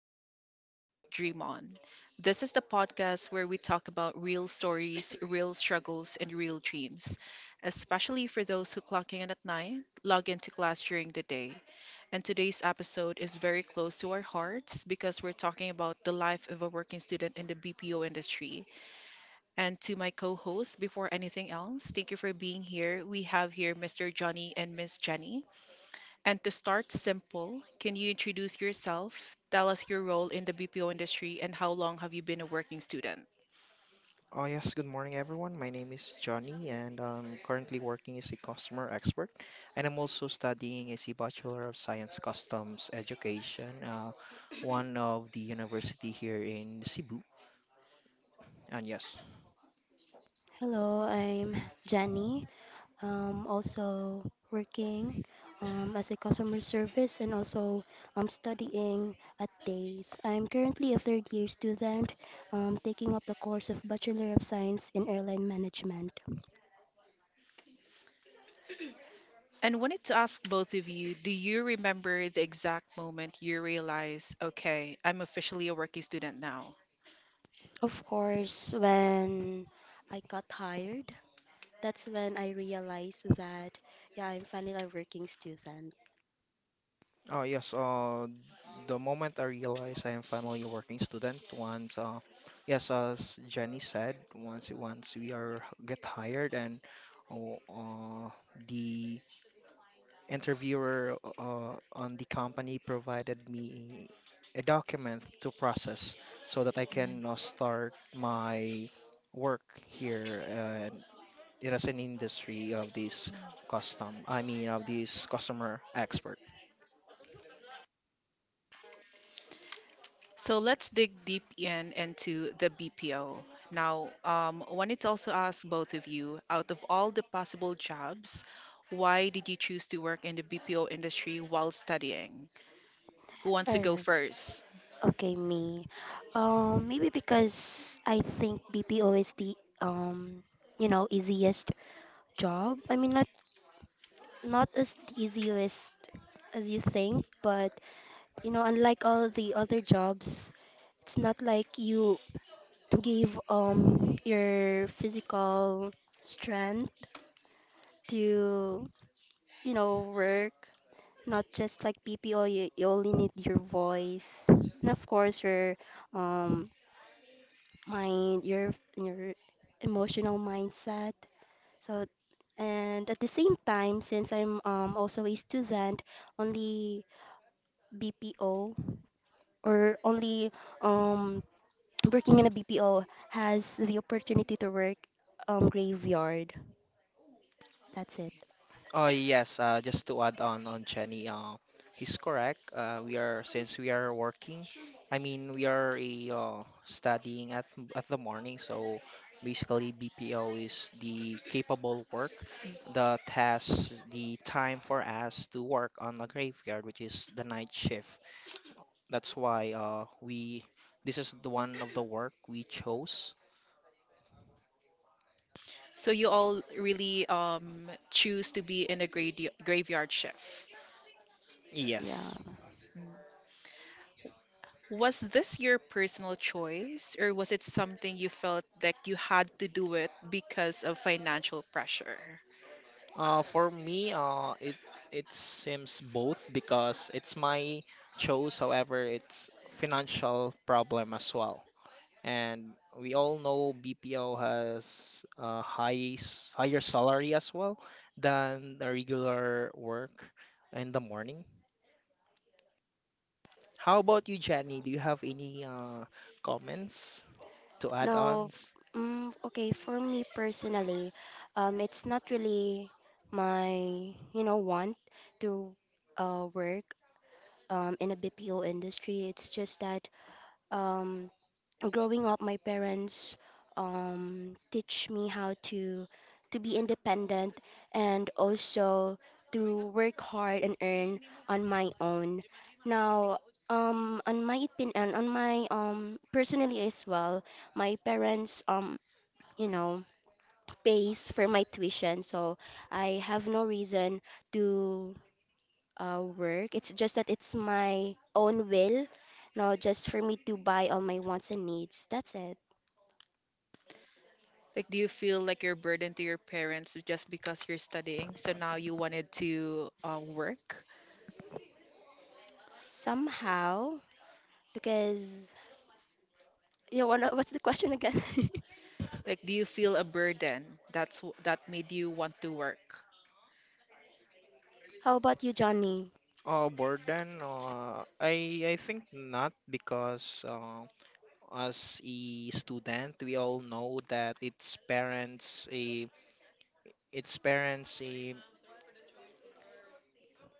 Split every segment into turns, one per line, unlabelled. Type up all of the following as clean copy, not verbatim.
Clock In, Lag Out, Dream On. This is the podcast where we talk about real stories, real struggles, and real dreams, especially for those who clock in at night, log into class during the day. And today's episode is very close to our hearts because we're talking about the life of a working student in the BPO industry. And to my co host, before anything else, thank you for being here. We have here Mr. Johnny and Miss Jenny. And to start simple, can you introduce yourself, tell us your role in the BPO industry, and how long have you been a working student?
Oh yes, good morning everyone. My name is Johnny and I'm currently working as a customer expert and I'm also studying as a Bachelor of Science Customs Education, one of the university here in Cebu. And yes,
Hello, I'm Jenny. Also working as a customer service, and also studying at Days. I'm currently a third year student, taking up the course of Bachelor of Science in Airline Management.
And wanted to ask both of you, do you remember the exact moment you realized, okay, I'm officially a working student now?
Of course, when I got hired, that's when I realized that, yeah, I'm finally a working student.
oh yes, the moment I realized I am finally a working student, once yes, as Jenny said, once we are get hired and oh, the interviewer on the company provided me a document to process so that I can start my work here and it is an industry of this custom I mean of this customer expert.
So let's dig deep in into the BPO. Now, wanted to also ask both of you, out of all the possible jobs, why did you choose to work in the BPO industry while studying? Who wants to go
Alright.
first?
Okay, me. Maybe because I think BPO is the um, you know, easiest job. I mean, not as the easiest as you think, but you know, unlike all the other jobs, it's not like you give your physical strength to, you know, work. Not just like BPO, you only need your voice, and of course your um mind, your emotional mindset. So and at the same time, since I'm also a student, only BPO, or only um working in a BPO, has the opportunity to work graveyard. That's it.
Oh yes, just to add on Chenny, he's correct. We are since we are working, I mean we are a studying at at the morning. So basically, BPO is the capable work, the task, the time for us to work on the graveyard, which is the night shift. That's why we this is the one of the work we chose.
So you all really choose to be in a grade graveyard shift.
Yeah.
Yes.
Mm. Was this your personal choice, or was it something you felt like you had to do it because of financial pressure?
For me, it seems both because it's my choice. However, it's financial problem as well. And we all know BPO has a high higher salary as well than the regular work in the morning. How about you, Jenny? Do you have any comments to add
No, f-
ons?
mm, okay, for me personally, it's not really my, you know, want to work in a BPO industry. It's just that um, growing up, my parents teach me how to be independent, and also to work hard and earn on my own. Now, on my opinion, and on my personally as well, my parents you know, pays for my tuition, so I have no reason to work. It's just that it's my own will, no, just for me to buy all my wants and needs. That's it.
Like, do you feel like you're burdened to your parents just because you're studying, so now you wanted to work?
Somehow, because you know, what- what's the question again?
Like, do you feel a burden that made you want to work?
How about you, Johnny?
Burden? I think not because. As a student, we all know that its parents a its parents a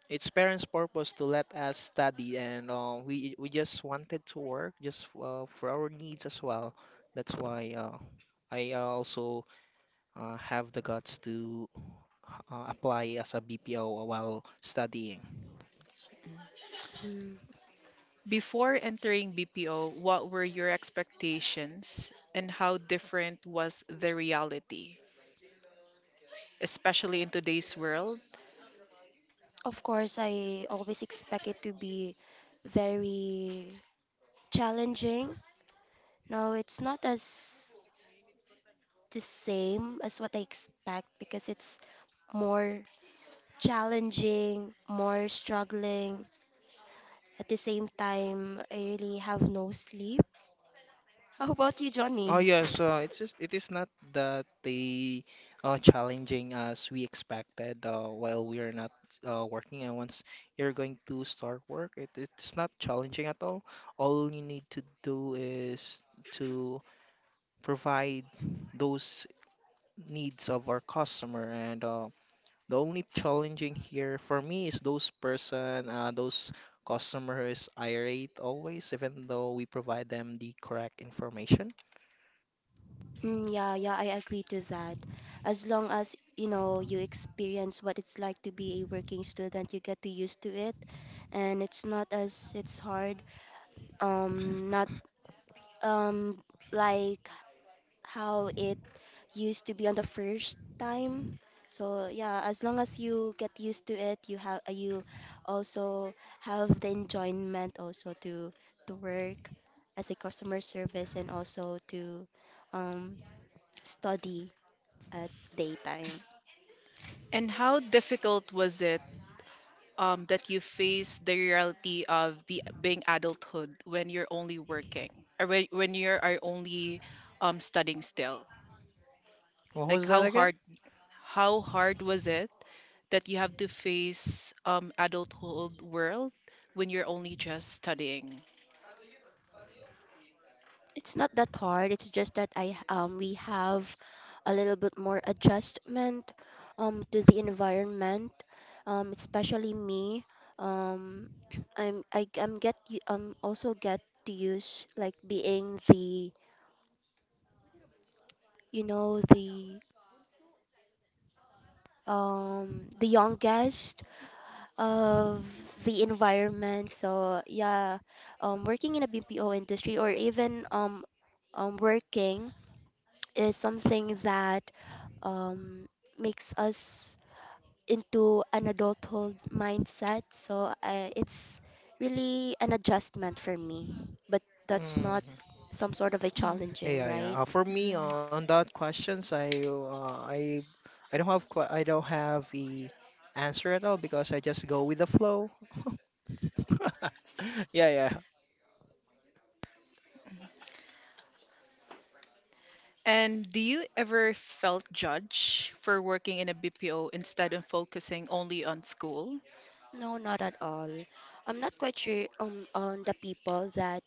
its parents' purpose to let us study, and we just wanted to work just for our needs as well. That's why I also have the guts to apply as a BPO while studying.
Hmm.
Before entering BPO, what were your expectations and how different was the reality, especially in today's world?
Of course, I always expect it to be very challenging. No, it's not as the same as what I expect, because it's more challenging, more struggling. At the same time, I really have no sleep. How about you,
Oh
Johnny?
yeah, so it's just it is not that they challenging as we expected while we are not working and once you're going to start work it's not challenging at all. All you need to do is to provide those needs of our customer and the only challenging here for me is those person those customer who is irate always even though we provide them the correct information.
Mm, yeah, yeah, I agree to that. As long as, you know, you experience what it's like to be a working student, you get to used to it, and it's not as it's hard. Not um like how it used to be on the first time. So yeah, as long as you get used to it, you have you also have the enjoyment also to work as a customer service, and also to um, study at daytime.
And how difficult was it that you faced the reality of the being adulthood when you're only working or when you are only studying still?
What
Like
was that
how
again?
hard how hard was it that you have to face adulthood world when you're only just studying?
It's not that hard. It's just that I we have a little bit more adjustment to the environment. Especially me. Um, I'm get also get to use like being the you know the youngest of the environment. So yeah, working in a BPO industry, or even working, is something that um, makes us into an adulthood mindset. So it's really an adjustment for me, but that's
Mm,
not some sort of a
Mm,
challenging,
yeah,
right?
yeah. For me,
mm.
on that questions, I don't have, I don't have a answer at all because I just go with the flow. Yeah, yeah,
And do you ever felt judged for working in a BPO instead of focusing only on school?
No, not at all. I'm not quite sure on the people that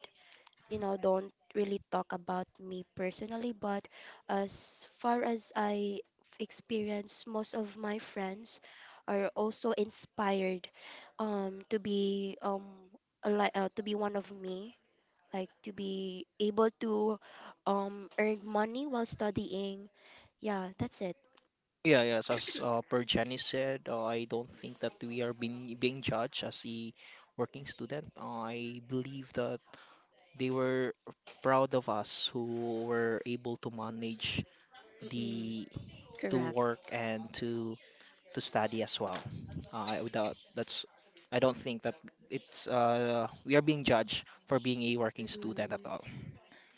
you know, don't really talk about me personally, but as far as I experience, most of my friends are also inspired to be like to be one of me, like to be able to earn money while studying. Yeah, that's it.
yeah, yes. As per Jenny said, I don't think that we are being judged as a working student. I believe that they were proud of us who were able to manage
Mm-mm,
the to
correct.
work and to study as well. Without that's I don't think that it's we are being judged for being a working student at
Mm-mm.
all.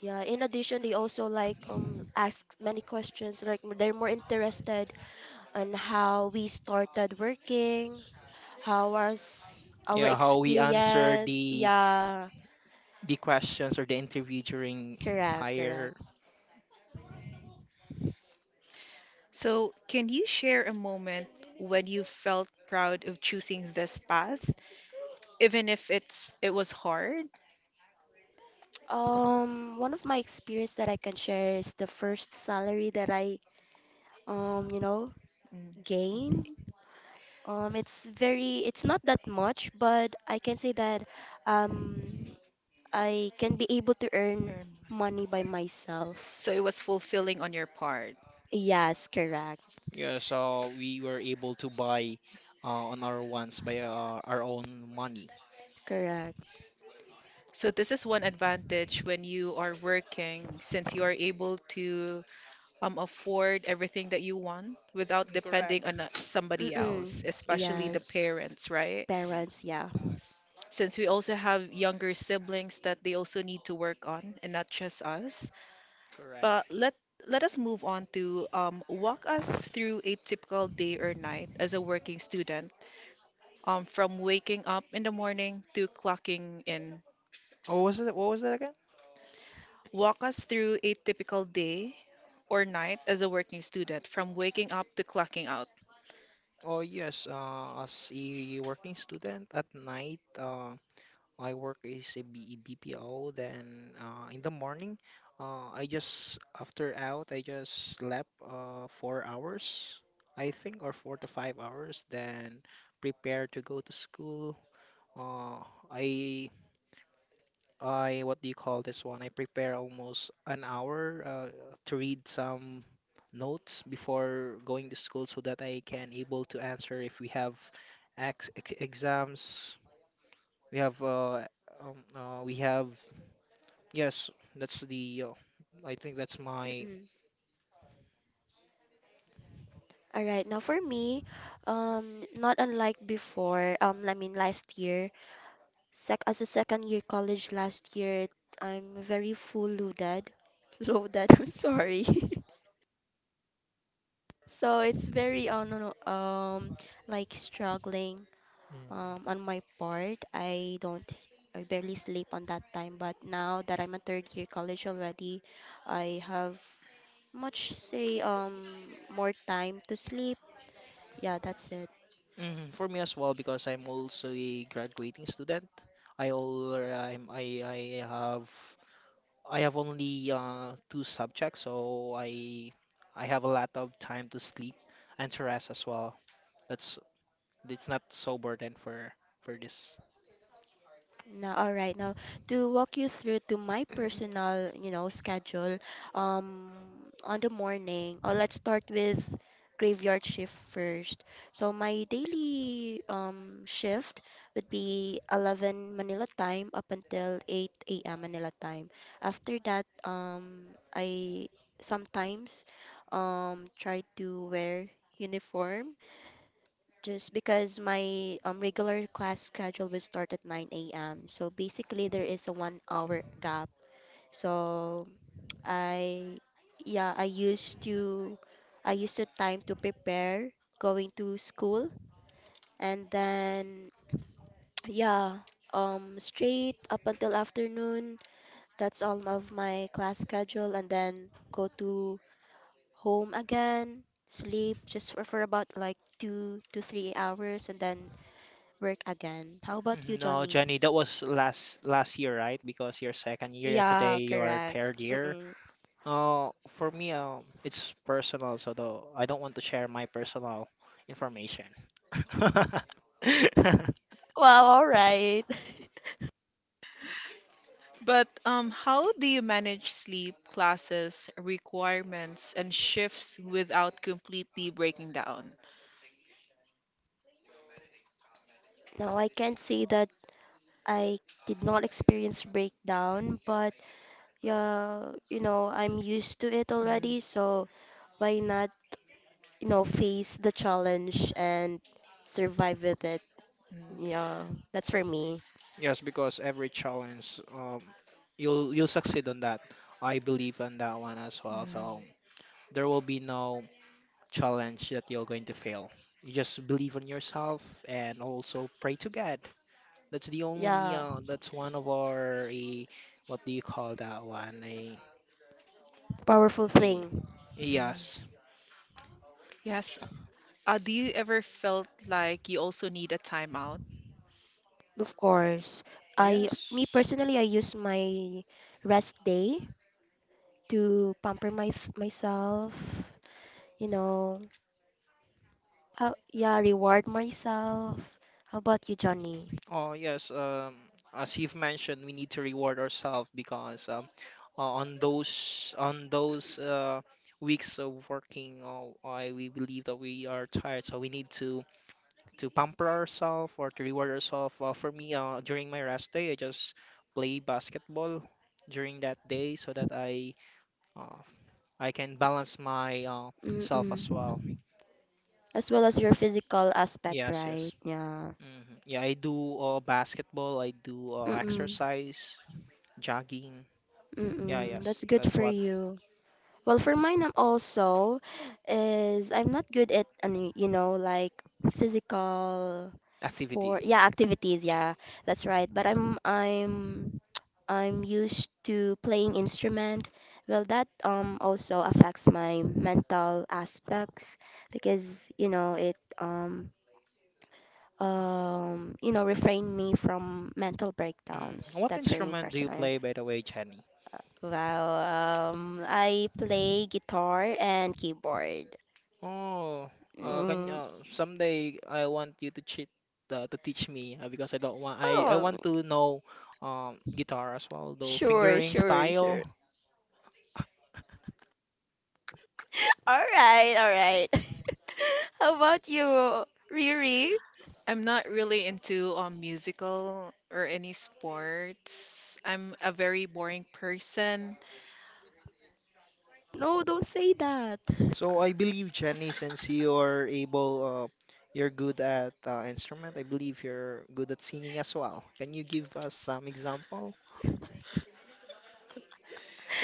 Yeah, in addition, they also like ask many questions. Like they're more interested on how we started working, how was our
Yeah, how we answer
experience. Yeah,
the questions or the interview during
correct, correct.
higher.
So, can you share a moment when you felt proud of choosing this path, even if it was hard?
One of my experience that I can share is the first salary that I you know,
Mm,
gained. It's very, it's not that much, but I can say that um, I can be able to earn
um,
money by myself.
So it was fulfilling on your part.
Yes, correct,
Yeah, so we were able to buy on our ones by our own money.
correct.
So this is one advantage when you are working, since you are able to afford everything that you want without
Mm,
depending
correct.
on somebody else,
Mm-mm.
Yes,
especially the
Yes,
yes.
parents, right?
parents,
Mm,
yeah.
Since we also have younger siblings that they also need to work on and not just us.
correct.
But let us move on to walk us through a typical day or night as a working student, from waking up in the morning to clocking in.
Oh, was it? What was that again?
Walk us through a typical day or night as a working student, from waking up to clocking out.
Oh yes, as a working student at night, my work is a BPO. Then in the morning, I just after out, I just slept 4 hours, I think, or 4 to 5 hours. Then prepare to go to school. Uh, I I what do you call this one? I prepare almost an hour to read some notes before going to school so that I can able to answer if we have exams. We have uh, we have yes, that's the I think that's my.
Mm-mm. All right, now for me, not unlike before, I mean last year, sec as a second year college last year, I'm very full loaded, loaded. I'm sorry. So it's very, no, no, like struggling, on my part. I don't, I barely sleep on that time. But now that I'm a third year college already, I have more time to sleep. Yeah, that's it.
Mhm, for me as well because I'm also a graduating student. I have I have only two subjects, so I have a lot of time to sleep and to rest as well. That's it's not so burden for this.
Now, all right. Now, to walk you through to my personal, you know, schedule, um, on the morning, oh, let's start with graveyard shift first. So my daily shift would be 11 Manila time up until 8 a.m. Manila time. After that, I sometimes try to wear uniform, just because my regular class schedule will start at 9 a.m. So basically, there is a 1 hour gap. So I, yeah, I used to, I used to time to prepare going to school, and then yeah, straight up until afternoon. That's all of my class schedule, and then go to home again, sleep just for about like 2 to 3 hours, and then work again. How about you,
Mhm, no,
Johnny?
Jenny, that was last year, right? Because your second year and
Yeah,
today your
correct.
third year.
Mm-mm.
For me, it's personal, so though I don't want to share my personal information.
Wow, all right.
But how do you manage sleep, classes, requirements, and shifts without completely breaking down?
Now, I can't say that I did not experience breakdown, but yeah, you know, I'm used to it already, so why not, you know, face the challenge and survive with it?
Mm,
Yeah, that's for me.
Yes, because every challenge, you'll succeed on that. I believe on that one as well.
mm,
So there will be no challenge that you're going to fail. You just believe on yourself and also pray to God. That's the only
Yeah.
that's one of our eh, what do you call that one?
Powerful
A,
thing,
yes.
mm. Yes. Do you ever felt like you also need a timeout?
of course. I, me
Yes.
personally, I use my rest day to pamper myself, you know. Yeah, reward myself. How about you, Johnny?
Oh yes, as you've mentioned, we need to reward ourselves because on those weeks of working, I we believe that we are tired, so we need to pamper ourselves or to reward ourselves. For me, during my rest day, I just play basketball during that day so that uh, I can balance my self as well.
Mm-mm. As well as your physical aspect,
Yes,
right?
yes.
Yeah.
Hmm. Yeah, I do basketball. I do
Mm-mm.
exercise, jogging. Yeah,
Mm-mm.
yes,
That's good
that's
for
what
you. Well, for mine, I'm also is I'm not good at any, you know, like physical
activity.
sport. Yeah, activities. Yeah, that's right. But I'm used to playing instrument. Well, that also affects my mental aspects, because you know it you know refrain me from mental
Mm.
breakdowns.
What
That's for me
instrument do you
personally.
play, by the way, Jenny?
Wow. I play guitar and keyboard.
Oh, can
Mm,
someday I want you to cheat to teach me because I don't want I
oh,
want to know guitar as well, though
sure,
fingering
sure,
style.
sure. All right, all right. How about you, Riri?
I'm not really into musical or any sports. I'm a very boring person.
No, don't say that.
So I believe Jenny, since you're able, you're good at instrument. I believe you're good at singing as well. Can you give us some example?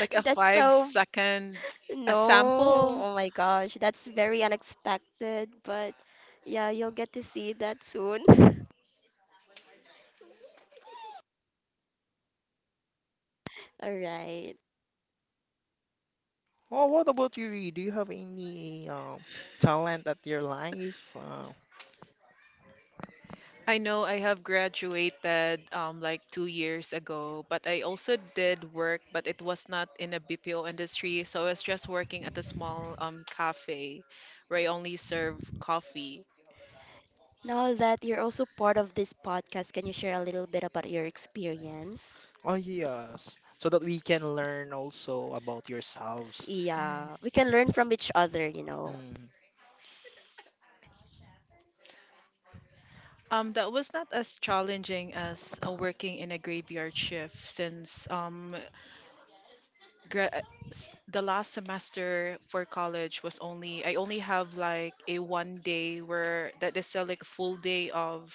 Like a
That's
five
so
second a
no,
sample.
oh my gosh, that's very unexpected, but yeah, you'll get to see that soon. All right.
Oh, what about you? Do you have any talent at your life?
I know I have graduated like 2 years ago, but I also did work, but it was not in a BPO industry. So I was just working at a small cafe where I only serve coffee.
Now that you're also part of this podcast, can you share a little bit about your experience?
Oh, yes. So that we can learn also about yourselves.
Yeah, we can learn from each other, you know.
Mm,
That was not as challenging as working in a graveyard shift since gra- uh, the last semester for college I only have like a one day where that is still like a full day of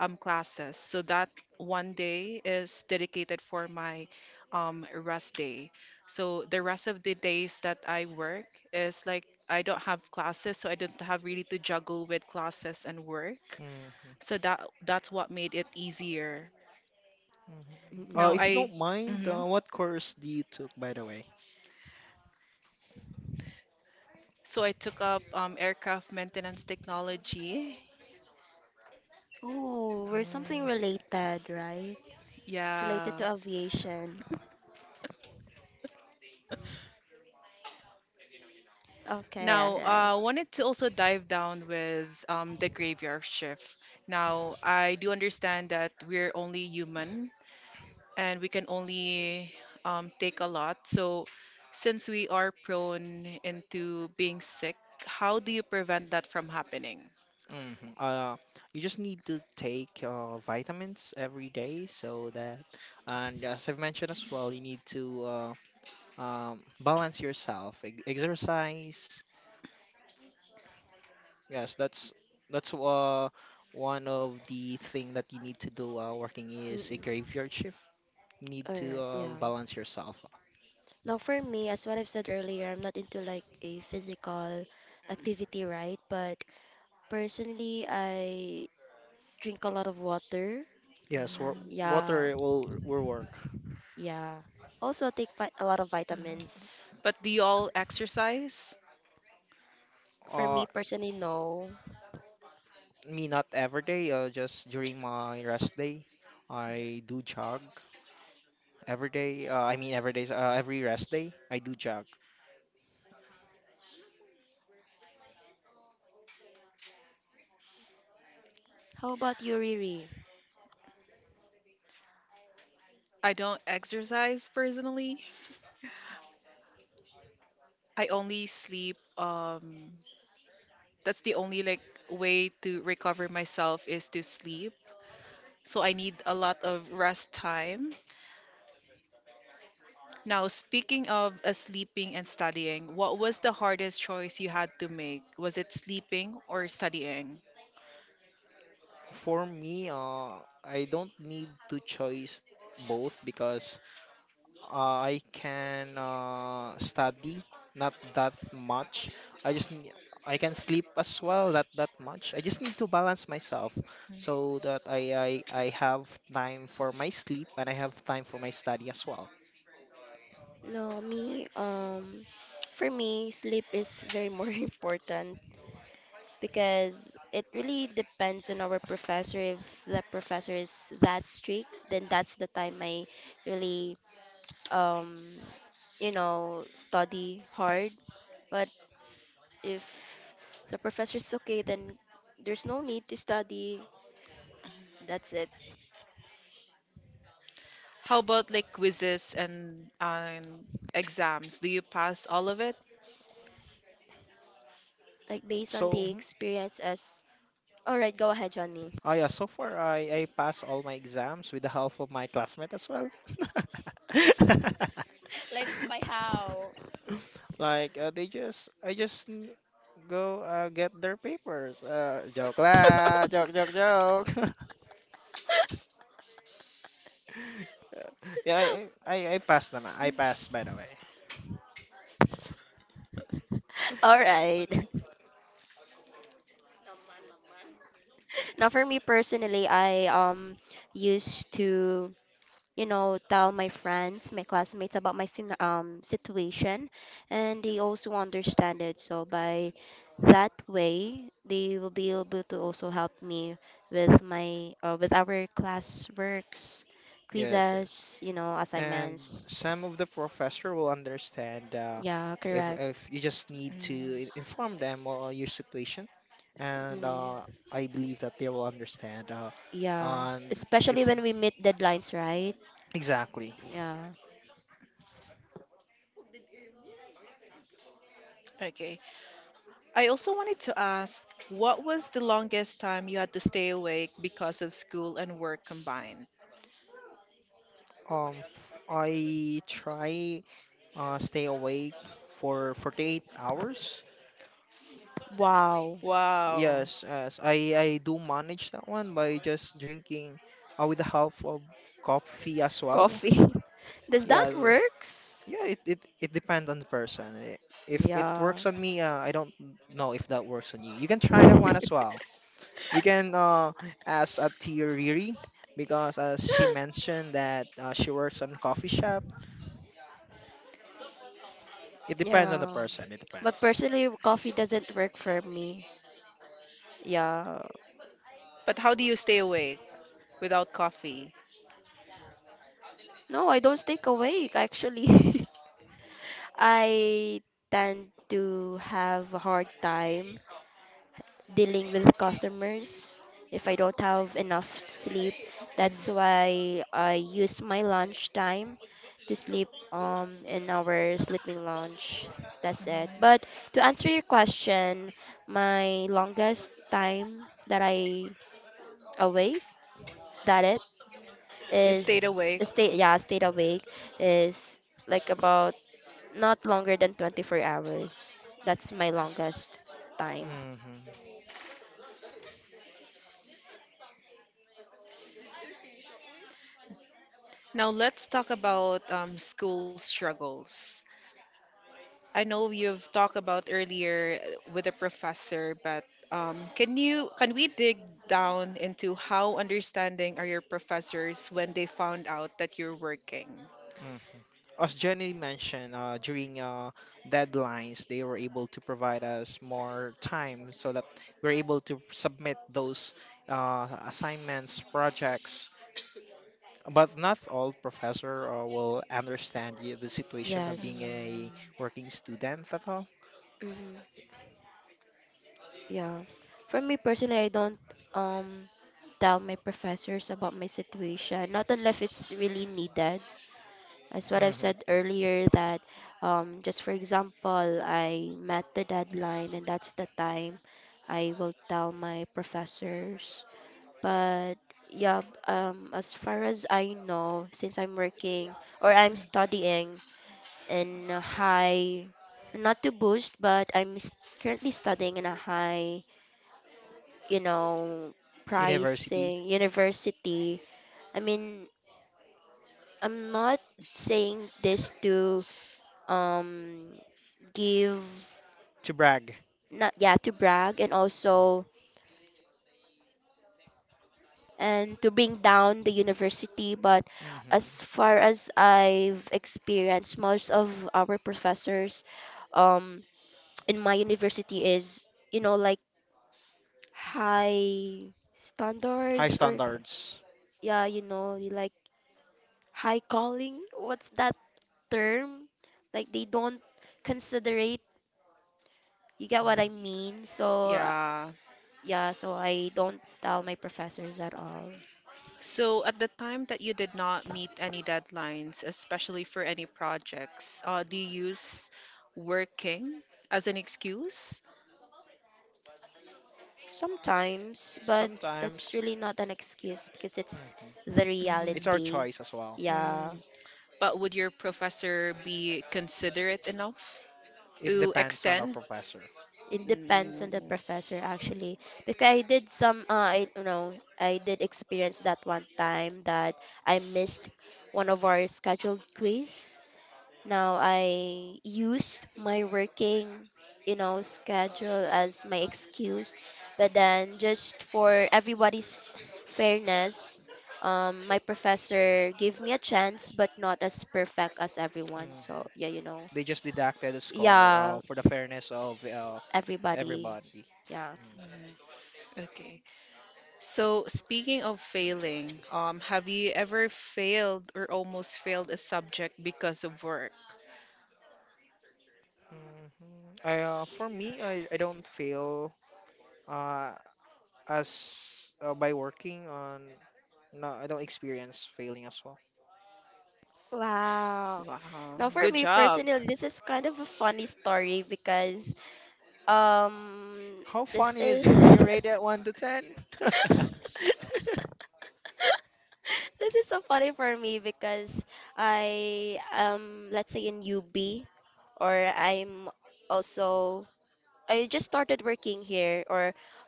classes. So that one day is dedicated for my rest day. So the rest of the days that I work is like I don't have classes, so I don't have really to juggle with classes and work.
hmm hmm.
So that's what made it easier. Now
If you
Mm-mm.
I
don't mind,
Mhm.
what course do you took, by the way?
So I took up aircraft maintenance technology.
Oh, we're something
Mm,
related, right? Related
Yeah.
to aviation. Okay, all
Now
right.
wanted to also dive down with the graveyard shift. Now I do understand that we're only human and we can only take a lot. So since we are prone into being sick, how do you prevent that from happening?
mhm. You just need to take vitamins every day so that, and as I've mentioned as well, you need to balance yourself, e exercise. Yes, that's one of the thing that you need to do working is a
Mm-mm.
graveyard shift. Need
All
to
right, yeah.
balance yourself out.
Now, for me, as what I've said earlier, I'm not into like a physical activity, right? But personally, I drink a lot of water.
Yes,
Mm,
Yeah,
water will work.
yeah. Also take vi a lot of
uh-huh.
vitamins.
But do you all exercise?
For
Uh,
me personally, no.
me not every day. Just during my rest day, I do jog every day. I mean every day. Every rest day, I do jog.
How about you, Riri?
I don't exercise personally. I only sleep. That's the only like way to recover myself is to sleep. So I need a lot of rest time. Now, speaking of sleeping and studying, what was the hardest choice you had to make? Was it sleeping or studying?
For me, I don't need to choose both because I can study not that much. I just nee- I can sleep as well not that much. I just need to balance myself so that I have time for my sleep and I have time for my study as well.
No, me, for me, sleep is very more important, because it really depends on our professor. If the professor is that strict, then that's the time I really, um, you know, study hard. But if the professor is okay, then there's no need to study. That's it.
How about like quizzes and exams? Do you pass all of it?
Like based on
So
the
mhm.
experience as all right, go ahead, Johnny.
Oh yeah, so far I pass all my exams with the help of my classmate as well.
Like by how?
Like they just go get their papers. Joke lah, joke joke joke. Yeah, I passed naman. I passed by the way.
All right. Now for me personally, I used to you know, tell my friends, my classmates about my situation, and they also understand it. So by that way, they will be able to also help me with my with our class works,
Yes, yes.
quizzes, you know,
And
assignments.
some of the professor will understand
Yeah,
if
correct.
you just
Mm,
need to inform them your situation, and
Mm,
I believe that they will understand.
yeah,
On if
especially when we meet deadlines, right?
exactly.
Yeah.
okay. I also wanted to ask, what was the longest time you had to stay awake because of school and work combined?
I try stay awake for 48 hours.
Wow,
Wow.
Yes, yes. I do manage that one by just drinking with the help of coffee as well.
coffee. Does that
Yes.
works?
Yeah, it depends on the person. If it
Yeah.
works on me, I don't know if that works on you. You can try that one as well. You can ask a Riri because as she mentioned that she works on a coffee shop. It depends on the
Yeah.
person. It
But
depends.
personally, coffee doesn't work for me. Yeah.
But how do you stay awake without coffee?
No, I don't stay awake actually. I tend to have a hard time dealing with customers if I don't have enough sleep. That's
Mm,
why I use my lunch time to sleep in our sleeping lounge. That's it.
mhm.
But to answer your question, my longest time that I awake, that it
You stayed
is
Hmm
awake.
stayed awake is like about not longer than 24 hours. That's my longest time.
hmm.
Now let's talk about school struggles. I know you've talked about earlier with a professor, but can we dig down into how understanding are your professors when they found out that you're working?
As Jenny mentioned, during deadlines, they were able to provide us more time so that we're able to submit those assignments, projects. But not all professor will understand the situation of
Mm.
being
Yes.
a working student at all.
Hmm, yeah, for me personally, I don't um tell my professors about my situation, not unless it's really needed. As what I've
Hmm.
said earlier, that just for example, I met the deadline, and that's the time I will tell my professors. But yeah, as far as I know, since I'm working or I'm studying in a high, not to boost, but currently studying in a high, you know,
University
pricing university. I mean, I'm not saying this to um give
to brag.
not yeah to brag, and also and to bring down the university. But
Hmm.
as far as I've experienced, most of our professors um, in my university is, you know, like high
High
standards, or
standards.
yeah, you know, like high calling. What's that term? Like they don't considerate. You get what I
Mm.
mean? So,
Yeah.
yeah, so I don't tell my professors at all.
So at the time that you did not meet any deadlines, especially for any projects, do you use working as an excuse?
Sometimes, but that's really
Sometimes.
not an excuse, because it's
Mhm.
the
Mhm.
It's our
reality.
choice as well.
Yeah,
Mm. But would your professor be considerate enough
It
to
depends on our
extend?
professor.
it depends on the
Mm,
professor actually. Because I did some, I you know, I did experience that one time that I missed one of our scheduled quiz. Now I used my working, you know, schedule as my excuse, but then just for everybody's fairness, my professor gave me a chance, but not as perfect as everyone.
Hmm.
So yeah, you know,
They just deducted a score
yeah,
for the fairness of
everybody,
everybody.
yeah.
Mm.
mm, okay. So speaking of failing, have you ever failed or almost failed a subject because of work?
Hmm. I For me, I don't feel uh as by working on no, I don't experience failing as well.
Wow.
Wow,
Now for
good
me
job.
personally, this is kind of a funny story because um
How
this
funny is
is
it? Can you rate it one to ten?
This is so funny for me because I let's say in UB or I'm also I just started working here or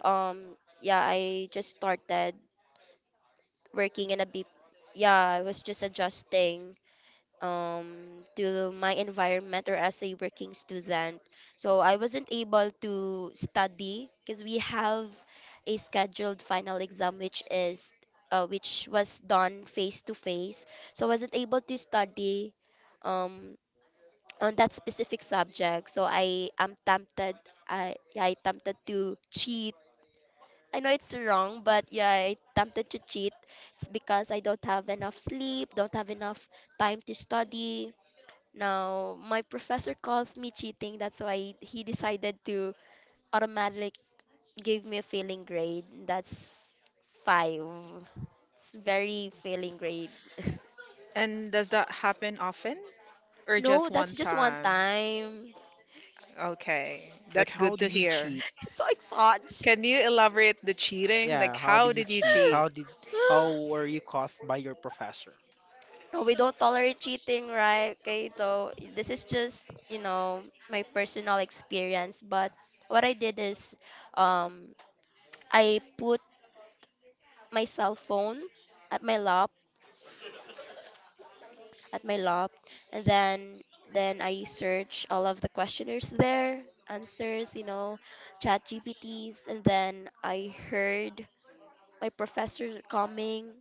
um yeah I just started working in a B, yeah I was just adjusting um, to my environment or as a working student. So I wasn't able to study because we have a scheduled final exam which was done face to face. So I wasn't able to study um, on that specific subject. So I am tempted, I tempted to cheat. I know it's wrong, but yeah, I tempted to cheat. It's because I don't have enough sleep, don't have enough time to study. Now, my professor calls me cheating. That's why he decided to automatically give me a failing grade. That's five. It's very failing grade.
And does that happen often or just
No,
one
that's just one
time?
time.
Okay,
Like
that's
how
good to
did you
hear.
cheat?
So exhausted.
Can you elaborate the cheating? Like,
Yeah, how did
how
you
did you
cheat?
cheat?
How did how were you caught by your professor?
No, we don't tolerate cheating, right? Okay, so this is just, you know, my personal experience. But what I did is, um, I put my cell phone at my lap, at my lab, and then I search all of the questionnaires there, answers, you know, chat GPTs, and then I heard my professor coming.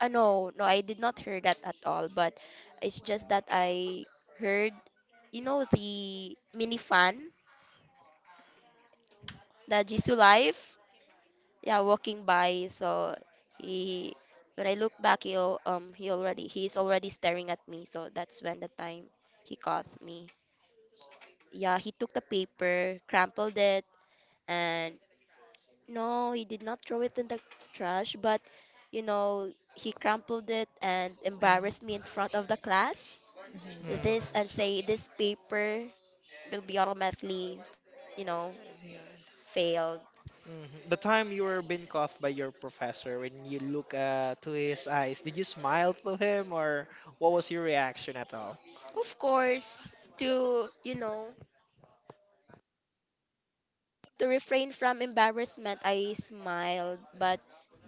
No, no, I did not hear that at all, but it's just that I heard, you know, the mini fan, the Jisoo Life, yeah, walking by. So he, when I look back, he's already staring at me. So that's when the time he caught me. Yeah, he took the paper, crumpled it, and no, he did not throw it in the trash, but you know, he crumpled it and
And,
embarrassed me in front of the class.
Hmm.
Mhm.
This, and say this paper will be automatically, you know, failed.
Mhm. The time you were being cuffed by your professor, when you look to his eyes, did you smile to him or what was your reaction at all?
Of course, to, you know, to refrain from embarrassment, I smiled, but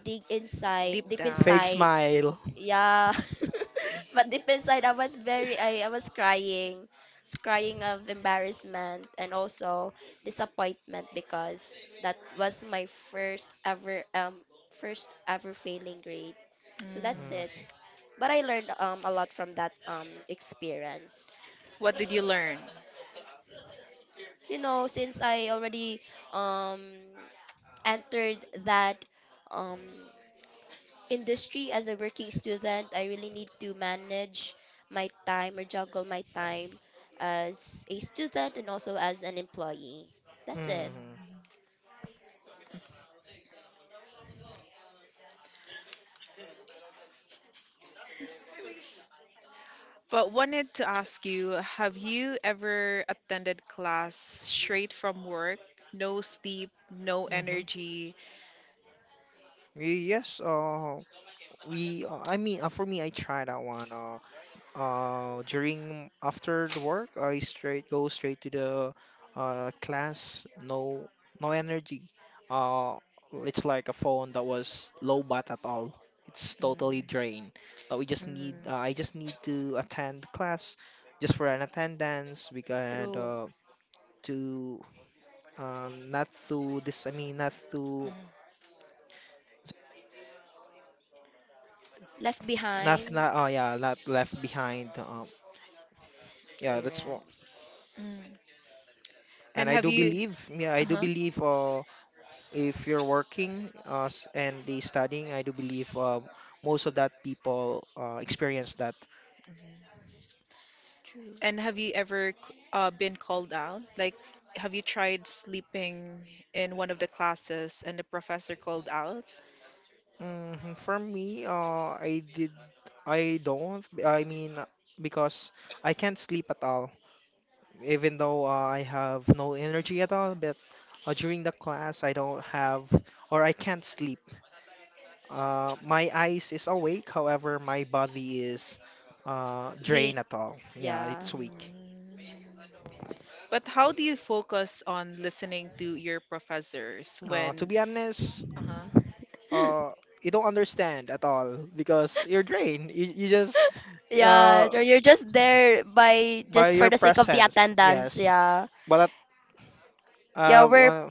dig inside,
Deep
deep
down.
Fake
inside,
smile.
yeah. But deep inside, I was very, I was crying, crying of embarrassment and also disappointment because that was my first ever failing grade.
Mm.
So that's it.
Mm-hmm.
But I learned a lot from that experience.
What did you learn?
You know, since I already um entered that um industry as a working student, I really need to manage my time or juggle my time as a student and also as an employee. That's it.
Mm-hmm.
But wanted to ask you, have you ever attended class straight from work? No sleep, no
Mm-hmm.
energy.
Yes, we, I mean, for me, I tried that one. Uh, during after the work, I straight go straight to the class. No, no energy. Uh, it's like a phone that was low bat at all. It's totally
Mm,
drained. We just need.
mm,
I just need to attend class, just for an attendance. We can
True.
to not to this. I mean, not to,
mm,
Left
not
behind.
not oh yeah, not left behind. Yeah, that's
Right.
what.
mm.
And
And
I
have
do
you?
believe, yeah, I
Uh
do
huh.
believe, if you're working, and the studying, I do believe most of that people experience that.
True.
And have you ever been called out? Like, have you tried sleeping in one of the classes and the professor called out?
Hmm. For me, I did. I don't, I mean, because I can't sleep at all, even though I have no energy at all. But during the class, I don't have, or I can't sleep. My eyes is awake, however, my body is drained
Weak.
at all. Yeah, it's
Yeah.
weak.
Mm. But how do you focus on listening to your professors
To
when,
be honest,
uh-huh.
uh you don't understand at all because you're drained. You just,
Yeah,
uh
so you're just there by,
by
just
your
for the sake of the
presence,
attendance.
yes.
Yeah.
But at,
Yeah, we're
well,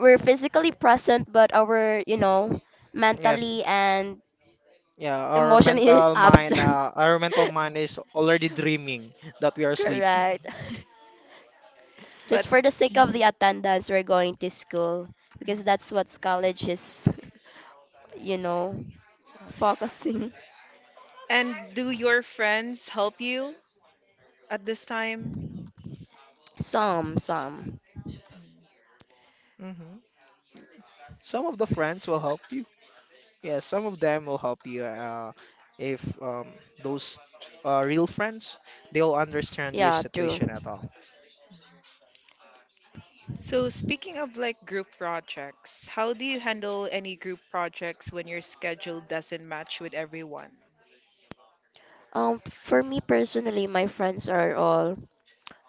physically present, but our, you know,
yes,
mentally and
yeah. Our
emotionally is
mental mind,
absent.
uh, our mental mind is already dreaming that we are sleeping.
Correct.
But,
Just for the sake of
mhm,
the attendance, we're going to school because that's
mhm.
what college is, you know, focusing.
And do your friends help you at this time?
Some, some.
Hmm. Some of the friends will help you. Yes, some of them will help you. If those real friends, they'll understand your
Yeah, true.
situation at all.
So, speaking of like group projects, how do you handle any group projects when your schedule doesn't match with everyone?
For me personally, my friends are all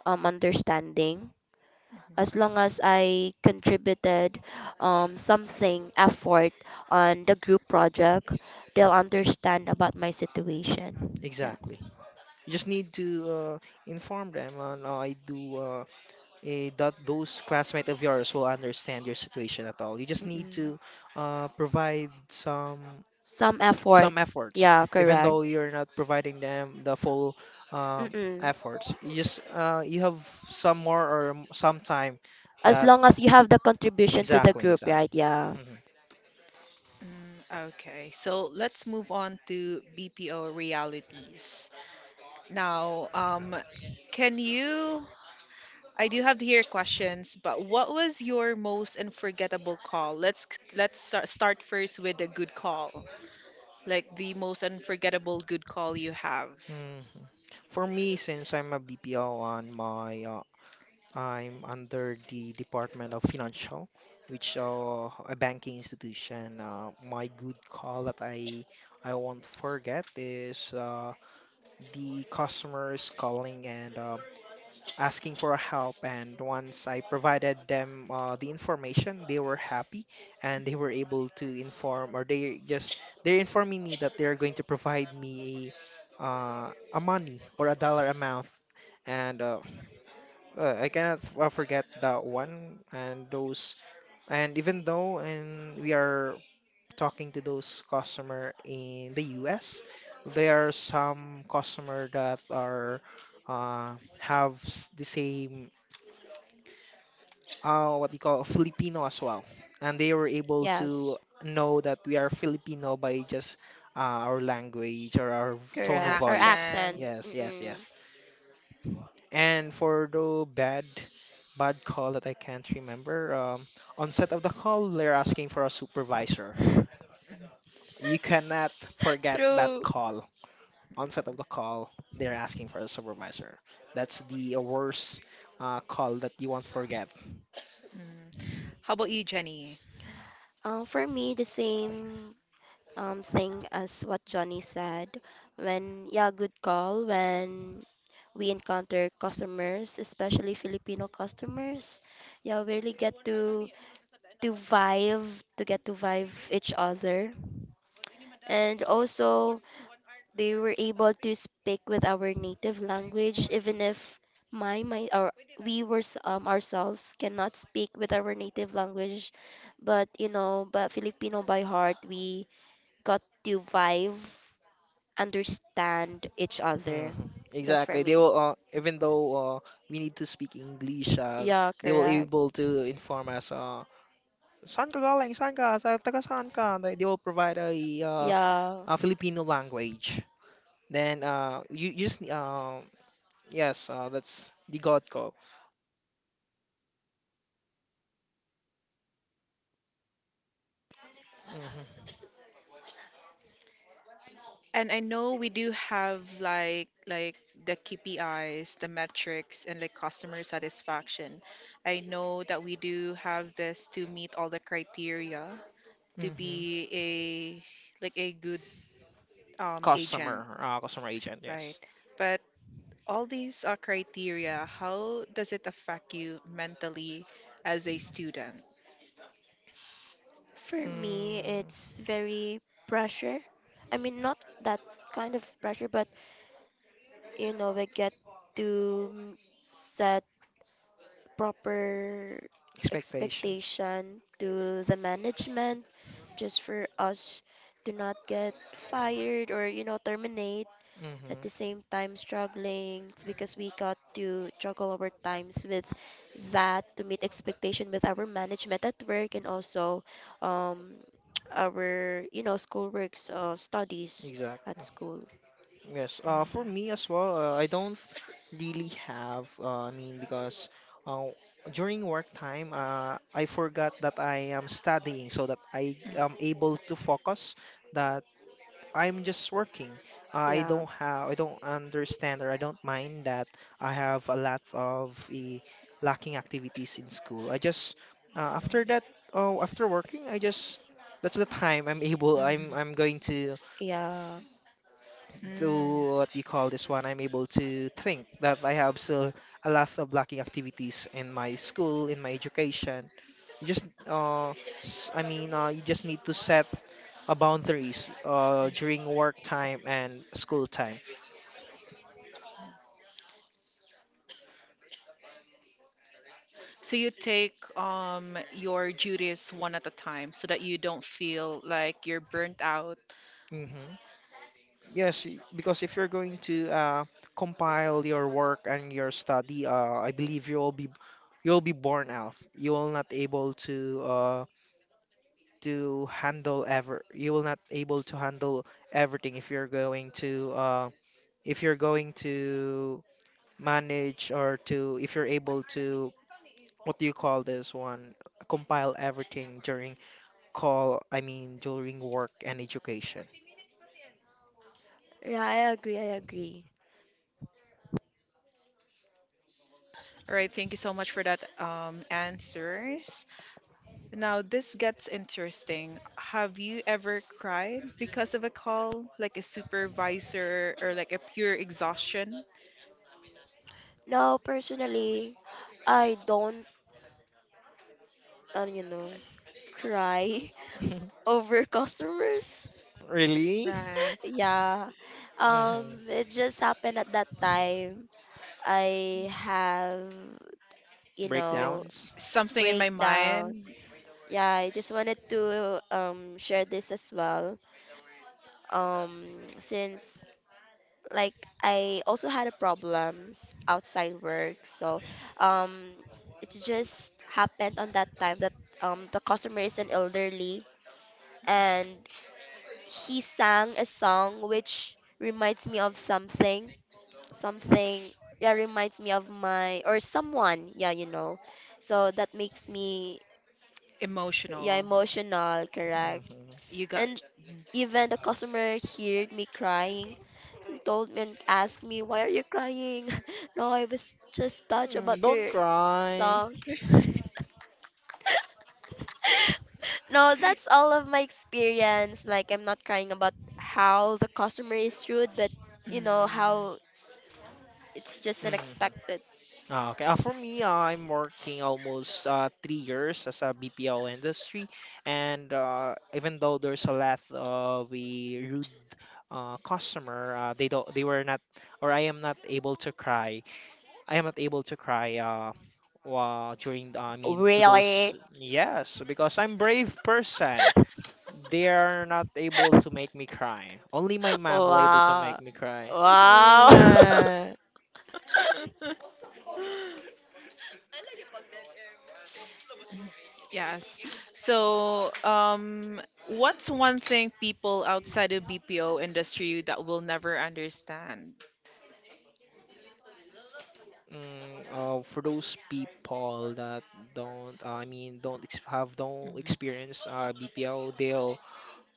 understanding. As
Mm-hmm.
long as I contributed something effort on the group project, they'll understand about my situation. Yeah.
Exactly. You just need to inform them on I do. That those classmates of yours will understand your situation at all. You just need
Mm-mm.
to provide some
Some effort.
some efforts,
Yeah,
even
correct.
though you're not providing them the full um,
Mm-mm.
efforts. You have some more or some time,
As
that,
long as you have the contribution to the
exactly
group,
exactly.
right? Yeah.
Hmm.
Mm, okay, so let's move on to BPO realities. Now, can you? I do have here questions, but what was your most unforgettable call? Let's start first with a good call, like the most unforgettable good call you have.
Hmm. For me, since I'm a BPO on my, I'm under the Department of Financial, which, a banking institution. My good call that I won't forget is, the customers calling and, asking for help. And once I provided them the information, they were happy and they were able to inform, or they're informing me that they're going to provide me a money or a dollar amount and I cannot forget that one and those. And even though and we are talking to those customer in the US, there are some customer that are, have the same, what you call Filipino as well, and they were able to
Yes,
know that we are Filipino by just, our language or our
An
tone of
correct. Or
voice.
accent.
accent.
Yes, yes,
Mm-mm.
yes. And for the bad call that I can't remember, on set of the call, they're asking for a supervisor. You cannot forget that
True.
call. Onset of the call, they're asking for a supervisor. That's the worst, call that you won't forget.
Mm. How about you, Jenny?
For me, the same thing as what Johnny said. When, yeah, good call. When we encounter customers, especially Filipino customers, yeah, we really get to vibe, to get to vibe each other. And also, they were able to speak with our native language, even if my my or we were ourselves cannot speak with our native language. But you know, but Filipino by heart, we got to vibe, understand each
Hmm.
other. That's for
Exactly. They
me.
will, even though, we need to speak English,
Yeah,
they will
correct.
able to inform us. Saan ka galing? Saan ka? Sa taga saan ka? They will provide uh,
Yeah.
a Filipino language. Then, you just, yes, that's the God call. Mm-hmm.
And I know we do have like the KPIs, the metrics, and like customer satisfaction. I know that we do have this to meet all the criteria to
Mm-hmm.
be a like a good agent,
Customer, customer agent.
right?
Yes.
But all these are criteria, how does it affect you mentally as a student?
For me,
Mm,
it's very pressure. I mean, not that kind of pressure, but you know, we get to set proper
expectation.
expectation to the management just for us to not get fired or you know terminate, at
Mm-hmm.
the same time struggling. It's because we got to juggle our times with that to meet expectation with our management at work and also um our you know schoolworks, studies at
Exactly.
school.
Yes. For me
Mm,
as well, I don't really have. I mean, because, uh, during work time, I forgot that I am studying, so that I am
mm,
able to focus. That I'm just working. I
Yeah.
don't have, I don't understand, or I don't mind that I have a lot of, lacking activities in school. I just, after that, oh, after working, I just, that's the time I'm able.
mm,
I'm going to
Yeah.
mm.
do what you call this one, I'm able to think that I have still a lot of lacking activities in my school, in my education. You just, I mean, you just need to set, boundaries, during work time and school time.
So you take your duties one at a time so that you don't feel like you're burnt out.
Mm-hmm. Yes, because if you're going to, compile your work and your study, I believe you'll be borne out. You will not able to, uh, to handle ever you will not able to handle everything if you're going to, if you're going to manage or to if you're able to, what do you call this one, compile everything during call, I mean during work and education.
Yeah, I agree, I agree.
All right, thank you so much for that answers. Now this gets interesting. Have you ever cried because of a call, like a supervisor or like a pure exhaustion?
No, personally, I don't, you know, cry over customers.
Really.
Right.
Yeah.
Hmm.
It just happened at that time. I have, you
Like
know,
Breakdowns.
something in my
breakdown.
mind,
Yeah, I just wanted to share this as well. Since like I also had a problems outside work, so um, it just happened on that time that the customer is an elderly and he sang a song which reminds me of something, something, yeah, reminds me of my, or someone, yeah, you know, so that makes me, yeah,
emotional.
emotional, correct.
Hmm.
You
And
got.
even the customer heard me crying and told me and asked me, why are you crying? No, I was just touched
Mm,
about
don't
your
cry.
song. No, that's all of my experience. Like, I'm not crying about how the customer is rude, but you know,
Mm.
how it's just
Hmm.
unexpected.
Ah, okay. For me, I'm working almost, 3 years as a BPO industry, and, even though there's a lot of a rude, customer, they don't, they were not, or I am not able to cry. I am not able to cry. While during, I mean, to
Really?
those, yes, because I'm brave person. They are not able to make me cry. Only my mom will able to make
Wow.
me cry.
Wow.
Mm. Yes. So, what's one thing people outside of BPO industry that will never understand?
Mm, for those people that don't, I mean, don't ex have don't
Mhm.
experience, BPO, they'll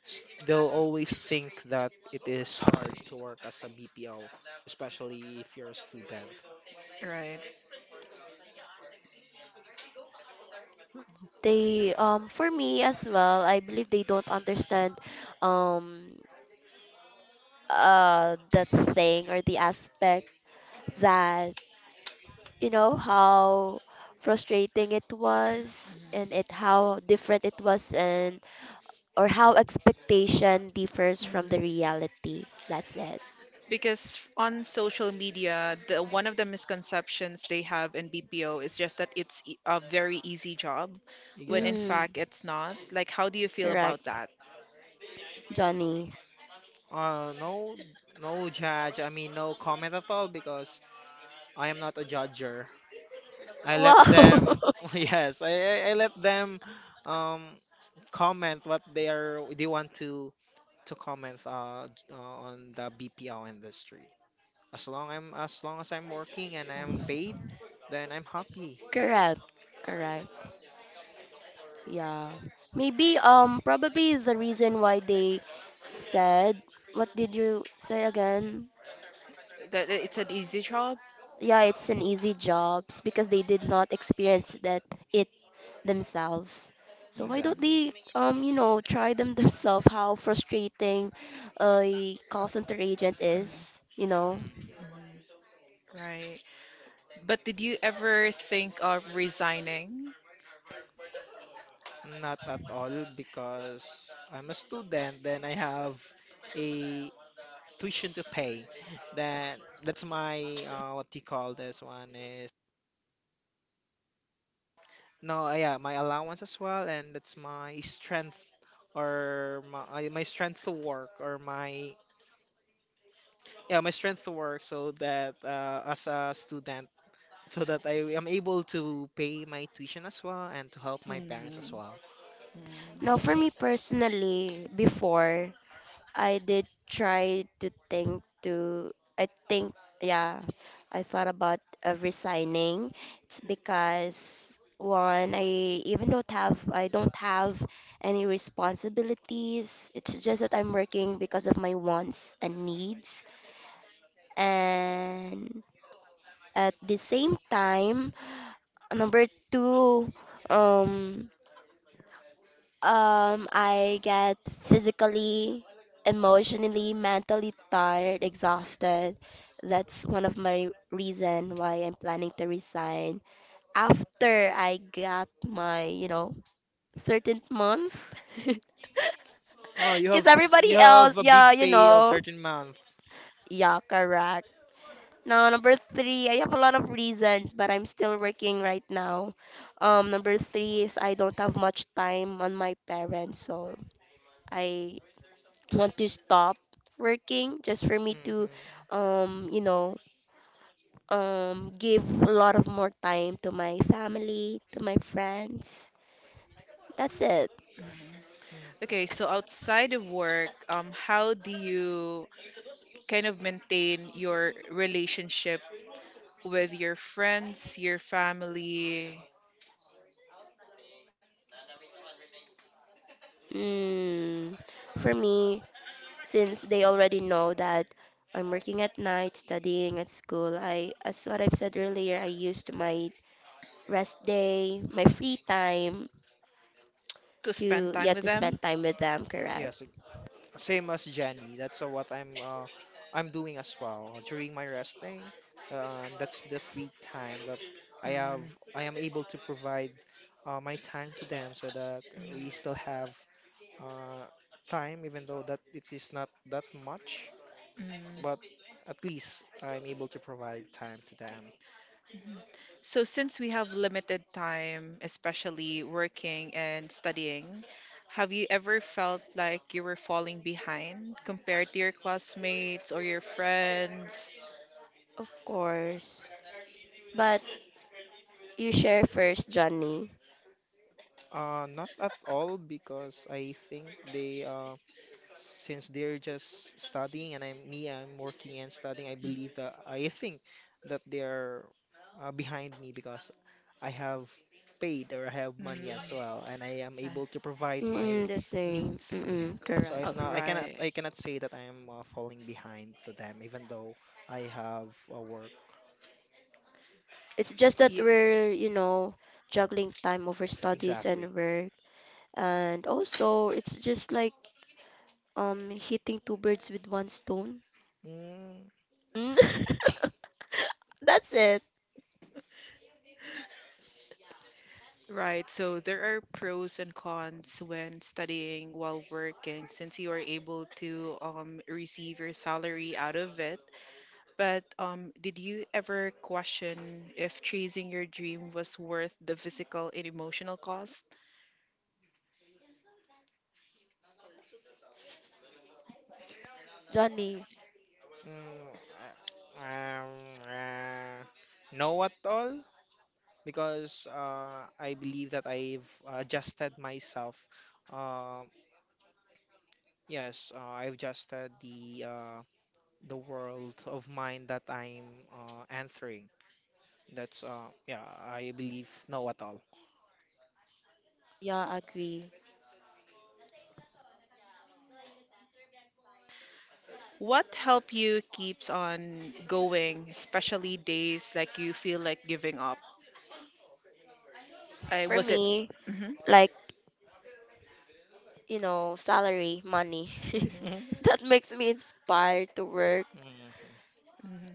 s- they'll always think that it is hard to work as a BPO, especially if you're a student.
Right.
They, for me as well, I believe they don't understand um that thing or the aspect, that you know how frustrating it was, and it, how different it was, and or how expectation differs from
Mhm.
the reality. That's it.
Because on social media, the one of the misconceptions they have in BPO is just that it's a very easy job, when in
Exactly.
Mm,
fact it's not. Like, how do you feel about
correct,
that?
Johnny.
No, no judge. I mean, no comment at all because I am not a judger. I let them.
Wow.
Yes, I let them, um comment what they want to comment, on the BPO industry. As long as I'm working and I'm
Mm.
paid, then I'm happy.
Correct. Correct. Yeah. Maybe probably the reason why they said, what did you say again?
That it's an easy job?
Yeah, it's an easy jobs because they did not experience that it themselves. So why don't
Mhm.
Exactly.
they you know try them themselves how frustrating a call center agent
Mhm.
is, you know?
Hmm.
Mhm. Right. But did you ever think of resigning?
Not at all because I'm a student. Then I have a tuition to pay. Then that's my, what you call this one is, no yeah, my allowance as well, and that's my strength or my strength to work, or my, yeah, my strength to work so that, as a student, so that I am able to pay my tuition as well and to help my parents as
Mhm.
well.
Now, for
Mm.
me personally, before, I did try to think to, I think, yeah, I thought about resigning. It's because one, I even don't have, I don't have any responsibilities. It's just that I'm working because of my wants and needs. And at the same time, number two, um, I get physically, emotionally, mentally tired, exhausted. That's one of my reason why I'm planning to resign after I got my, you know, certain months.
Oh, you
Because
have you
everybody
have
else,
a big
yeah, you
pay of
know,
13 month.
yeah, correct. Now, number three, I have a lot of reasons, but I'm still working right now. Number three is I don't have much time on my parents, so I want to stop working just for me to
Mm-hmm.
you know give a lot of more time to my family, to my friends. That's it.
Mm-hmm.
Okay, so outside of work, how do you kind of maintain your relationship with your friends, your family,
Mm. For me, since they already know that I'm working at night, studying at school, I, as what I've said earlier, I used my rest day, my free time
to spend
to,
time
yeah,
with
to
them?
spend time with them, correct.
Yes, like same as Jenny. That's, what I'm, I'm doing as well during my rest day. That's the free time that I have.
Mm,
I am able to provide, my time to them, so that we
mm,
still have, uh, time, even though that it is not that much, but
mm.
at least I'm able to provide time to them.
So, since we have limited time, especially working and studying, have you ever felt like you were falling behind compared to your classmates or your friends?
Of course, but you share first, Johnny.
Not at all because I think they, since they're just studying and I'm me, I'm working and studying. I believe that I think that they are, behind me because I have paid or I have
Mm,
money as well, and I am
uh,
able to provide my
Mm-mm, the same.
needs.
Mm-mm,
So
correct.
oh,
I'm not, I cannot,
right.
I cannot say that I am, falling behind to them, even though I have, work.
It's just that
Ye-
we're, you know, juggling time over studies
Exactly.
and work. And also, it's just like hitting two birds with one stone.
Mm,
Mm. That's it,
Right, so there are pros and cons when studying while working since you are able to receive your salary out of it. But did you ever question if chasing your dream was worth the physical and emotional cost?
Johnny.
mm, uh, um, uh, no at all, because I believe that I've adjusted myself. Uh, yes, I've adjusted the world of mine that I'm, entering. That's, yeah, I believe no at all.
Yeah, agree.
What helped you keeps on going, especially days like you feel like giving up? I
For
was it.
me,
hmm
like, you know, salary, money.
hmm
That makes me inspired to work.
Mhm.
hmm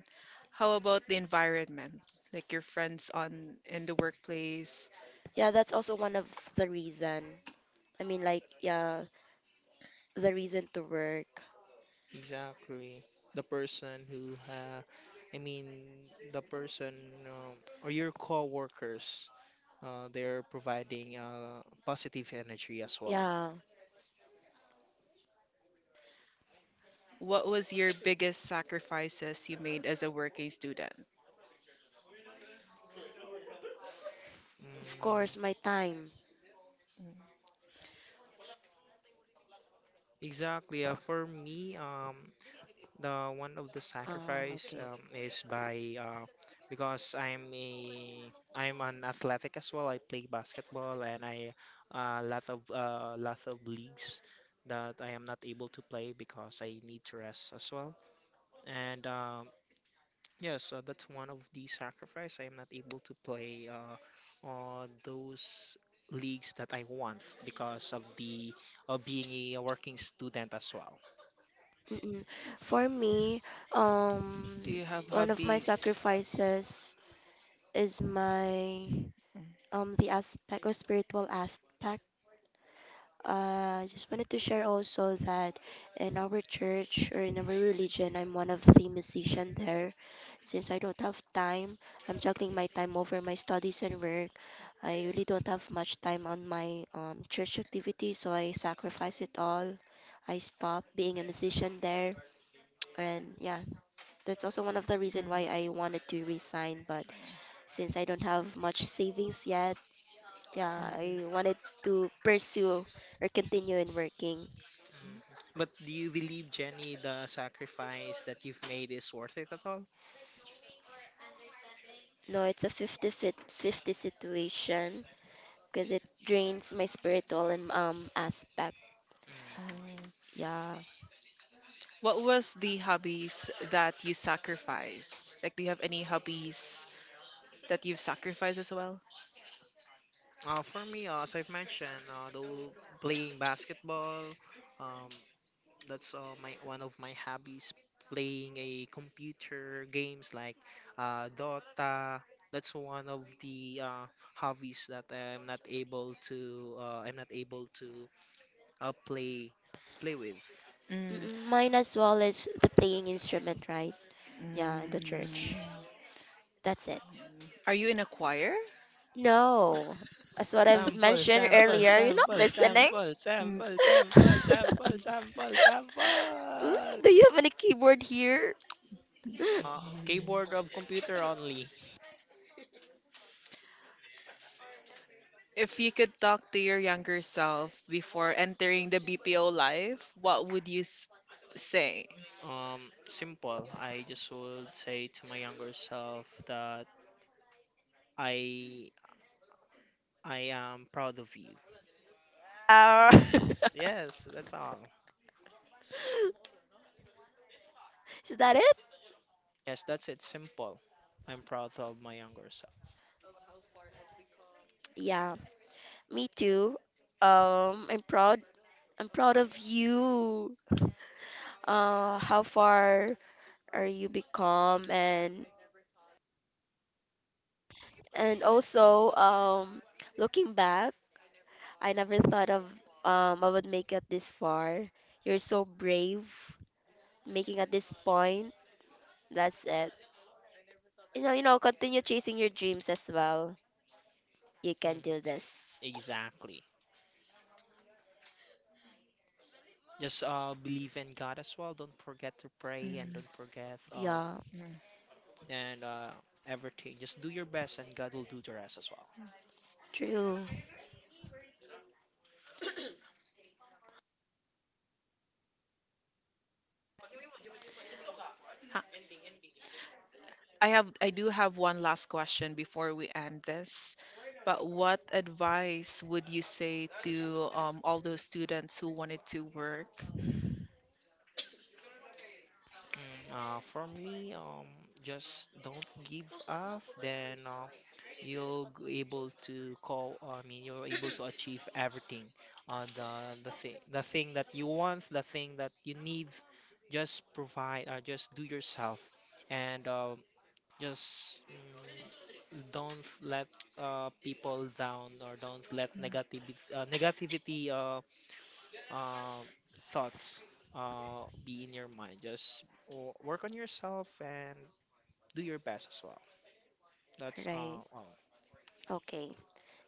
How about the environment, like your friends on in the workplace?
Yeah, that's also one of the reason. I mean, like, yeah, the reason to work.
Exactly. The person who ha I mean, the person, or your coworkers, they're providing, positive energy as well.
Yeah,
What was your biggest sacrifices you made as a working student?
of
Mm,
course, my time.
exactly. For me, the one of the
Ah,
sacrifice,
okay.
is by, because I'm an athletic as well. I play basketball, and I, a lot of leagues that I am not able to play because I need to rest as well. And, yes, that's one of the sacrifice. I am not able to play, on those leagues that I want because of the of being a working student as well.
Mm-mm. For me,
Do
um,
you have
one of my
hobbies?
sacrifices is my,
Mm,
the aspect or spiritual aspect. I just wanted to share also that in our church or in our religion, I'm one of the musician there. Since I don't have time, I'm juggling my time over my studies and work. I really don't have much time on my church activity, so I sacrifice it all. I stop being a musician there. And yeah, that's also one of the reason
mm,
why I wanted to resign. But since I don't have much savings yet, yeah, I
mm,
wanted to pursue or continue in working.
Mhm. But do you believe, Jenny, the sacrifice that you've made is worth it at all?
No, it's a 50 fit 50 situation because it drains my spiritual and aspect.
Mhm.
mm.
Yeah.
What was the hobbies that you sacrifice? Like, do you have any hobbies that you've sacrificed as well?
For me, as I've mentioned, though playing basketball, um, that's, my one of my hobbies, playing a computer games like, Dota. That's one of the, hobbies that I'm not able to, uh, play play with.
Mm,
Mm-mm, mine as well is the playing instrument, right? Yeah, in the church.
mm.
That's it.
Are you in a choir?
No. As what I've
Sample,
mentioned
sample,
earlier, you're not
sample,
listening.
sample,
Mm.
sample, sample, sample, sample,
Mm,
sample.
do you have any keyboard here?
Keyboard of computer only.
If you could talk to your younger self before entering the BPO life, what would you say?
Simple. I just would say to my younger self that I I am proud of you.
Uh,
Yes, yes, that's all.
is that it?
Yes, that's it. Simple. I'm proud of my younger self.
Yeah, me too. I'm proud. I'm proud of you. How far are you become? And also, looking back, I never thought of, I would make it this far. You're so brave, making at this point. That's it. You know, you know, continue chasing your dreams as well. You can
Mm,
do this.
exactly. Just, believe in God as well. Don't forget to pray, and
Mm,
don't forget,
Yeah,
mm.
and everything. Just do your best and God will do the rest as well.
true.
Ha- I do have one last question before we end this. But what advice would you say to all those students who wanted to work.
Mm, for me, just don't give up, then, you'll able to call. I mean, you're able to achieve everything. The thing that you want, the thing that you need, just provide or just do yourself, and, just, don't let, people down, or don't let negativity, um, thoughts, be in your mind. Just work on yourself and do your best as well. That's,
Right.
well.
Okay.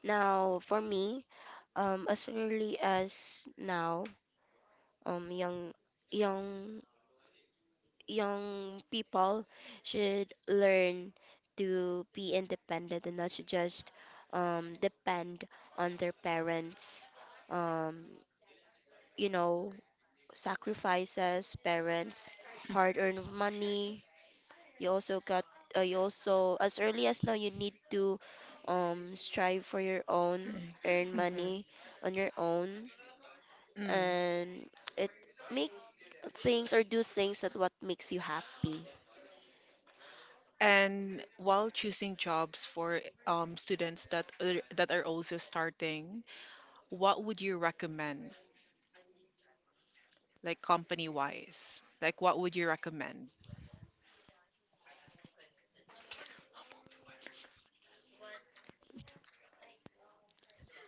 Now, for me, as early as now, young, young, young people should learn to be independent and not to just depend on their parents. Um, you know, sacrifices, parents, hard-earned money, you also got, you also as early as now you need to strive for your own, earn
Mhm.
money on your own,
Mm.
and it make things or do things that what makes you happy.
And while choosing jobs for students that are also starting, what would you recommend, like company wise? Like, what would you recommend?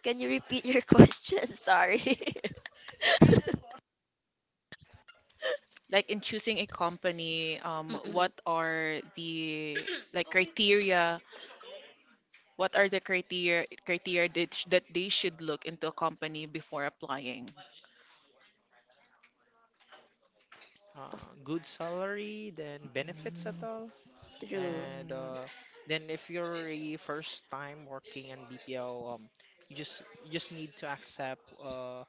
Can you repeat your question? Sorry.
Like in choosing a company,
Mm-mm.
what are the like criteria? What are the criteria that, that they should look into a company before applying?
Of
Good salary, then
Mm,
benefits at
mm,
all,
true.
and, then if you're a first time working in BPO, you just need to accept,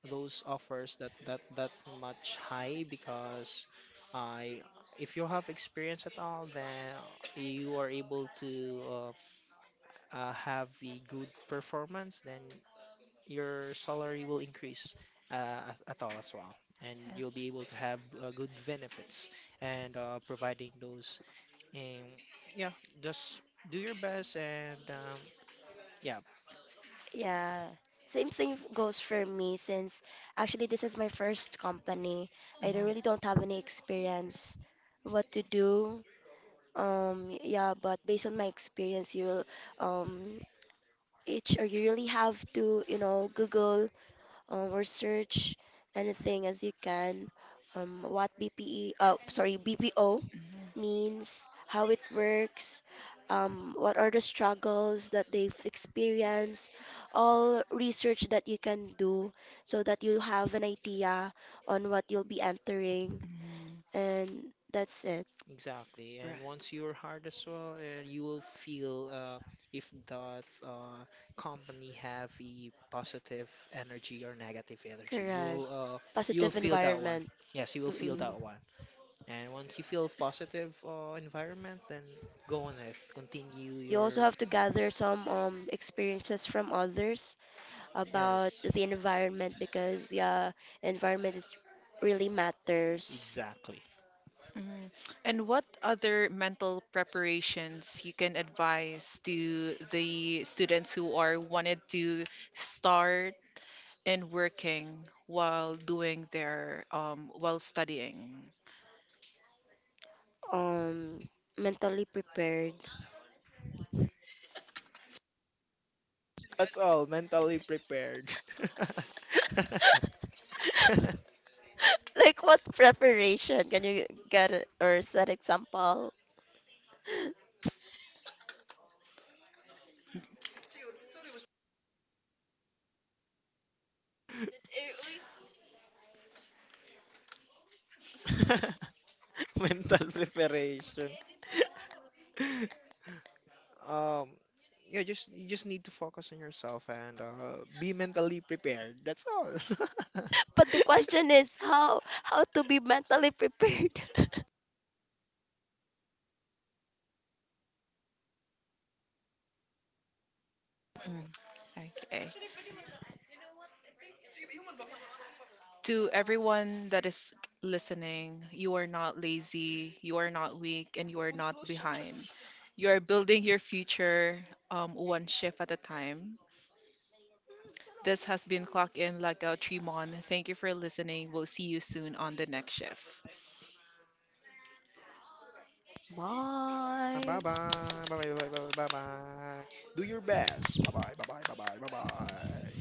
those offers that much high, because I. If you have experience at all, then you are able to, uh, have a good performance, then your salary will increase, at all as well. And you'll
Yes.
be able to have, good benefits and, providing those. And yeah, just do your best and, yeah,
Yeah. Same thing, goes for me since actually this is my first company. I don't really don't have any experience what to do. Yeah, but based on my experience, you'll, um, each, or you really have to, you know, Google, or search anything as you can. What BPE, sorry, BPO
mm, mm.
means, how it works, what are the struggles that they've experienced, all research that you can do so that you have an idea on what you'll be entering,
Mhm.
and that's it.
exactly.
Right.
And once you're hard as well, you will feel, if that, company have a positive energy or negative energy.
Correct.
You'll
Positive
feel that one.
environment.
Yes, you will feel
Mhm.
Mm-mm.
that one. And once you feel positive, environment, then go on it. Continue
You also
your,
have to gather some experiences from others about
yes,
the environment because yeah, environment is really matters.
exactly.
Mhm. And what other mental preparations you can advise to the students who are wanted to start and working while doing their while studying?
Um, mentally prepared.
That's all. Mentally prepared.
Like what preparation? Can you get it or set example?
Mental preparation. Um, yeah, just you just need to focus on yourself and, be mentally prepared. That's all.
But the question is how to be mentally prepared.
Mm. Okay. To everyone that is listening, you are not lazy, you are not weak, and you are not behind. You are building your future one shift at a time. This has been Clock In Like a Tremon. Thank you for listening. We'll see you soon on the next shift.
Bye
Why?
bye. Bye bye bye bye bye bye. Do your best. Bye bye bye bye bye bye bye, bye.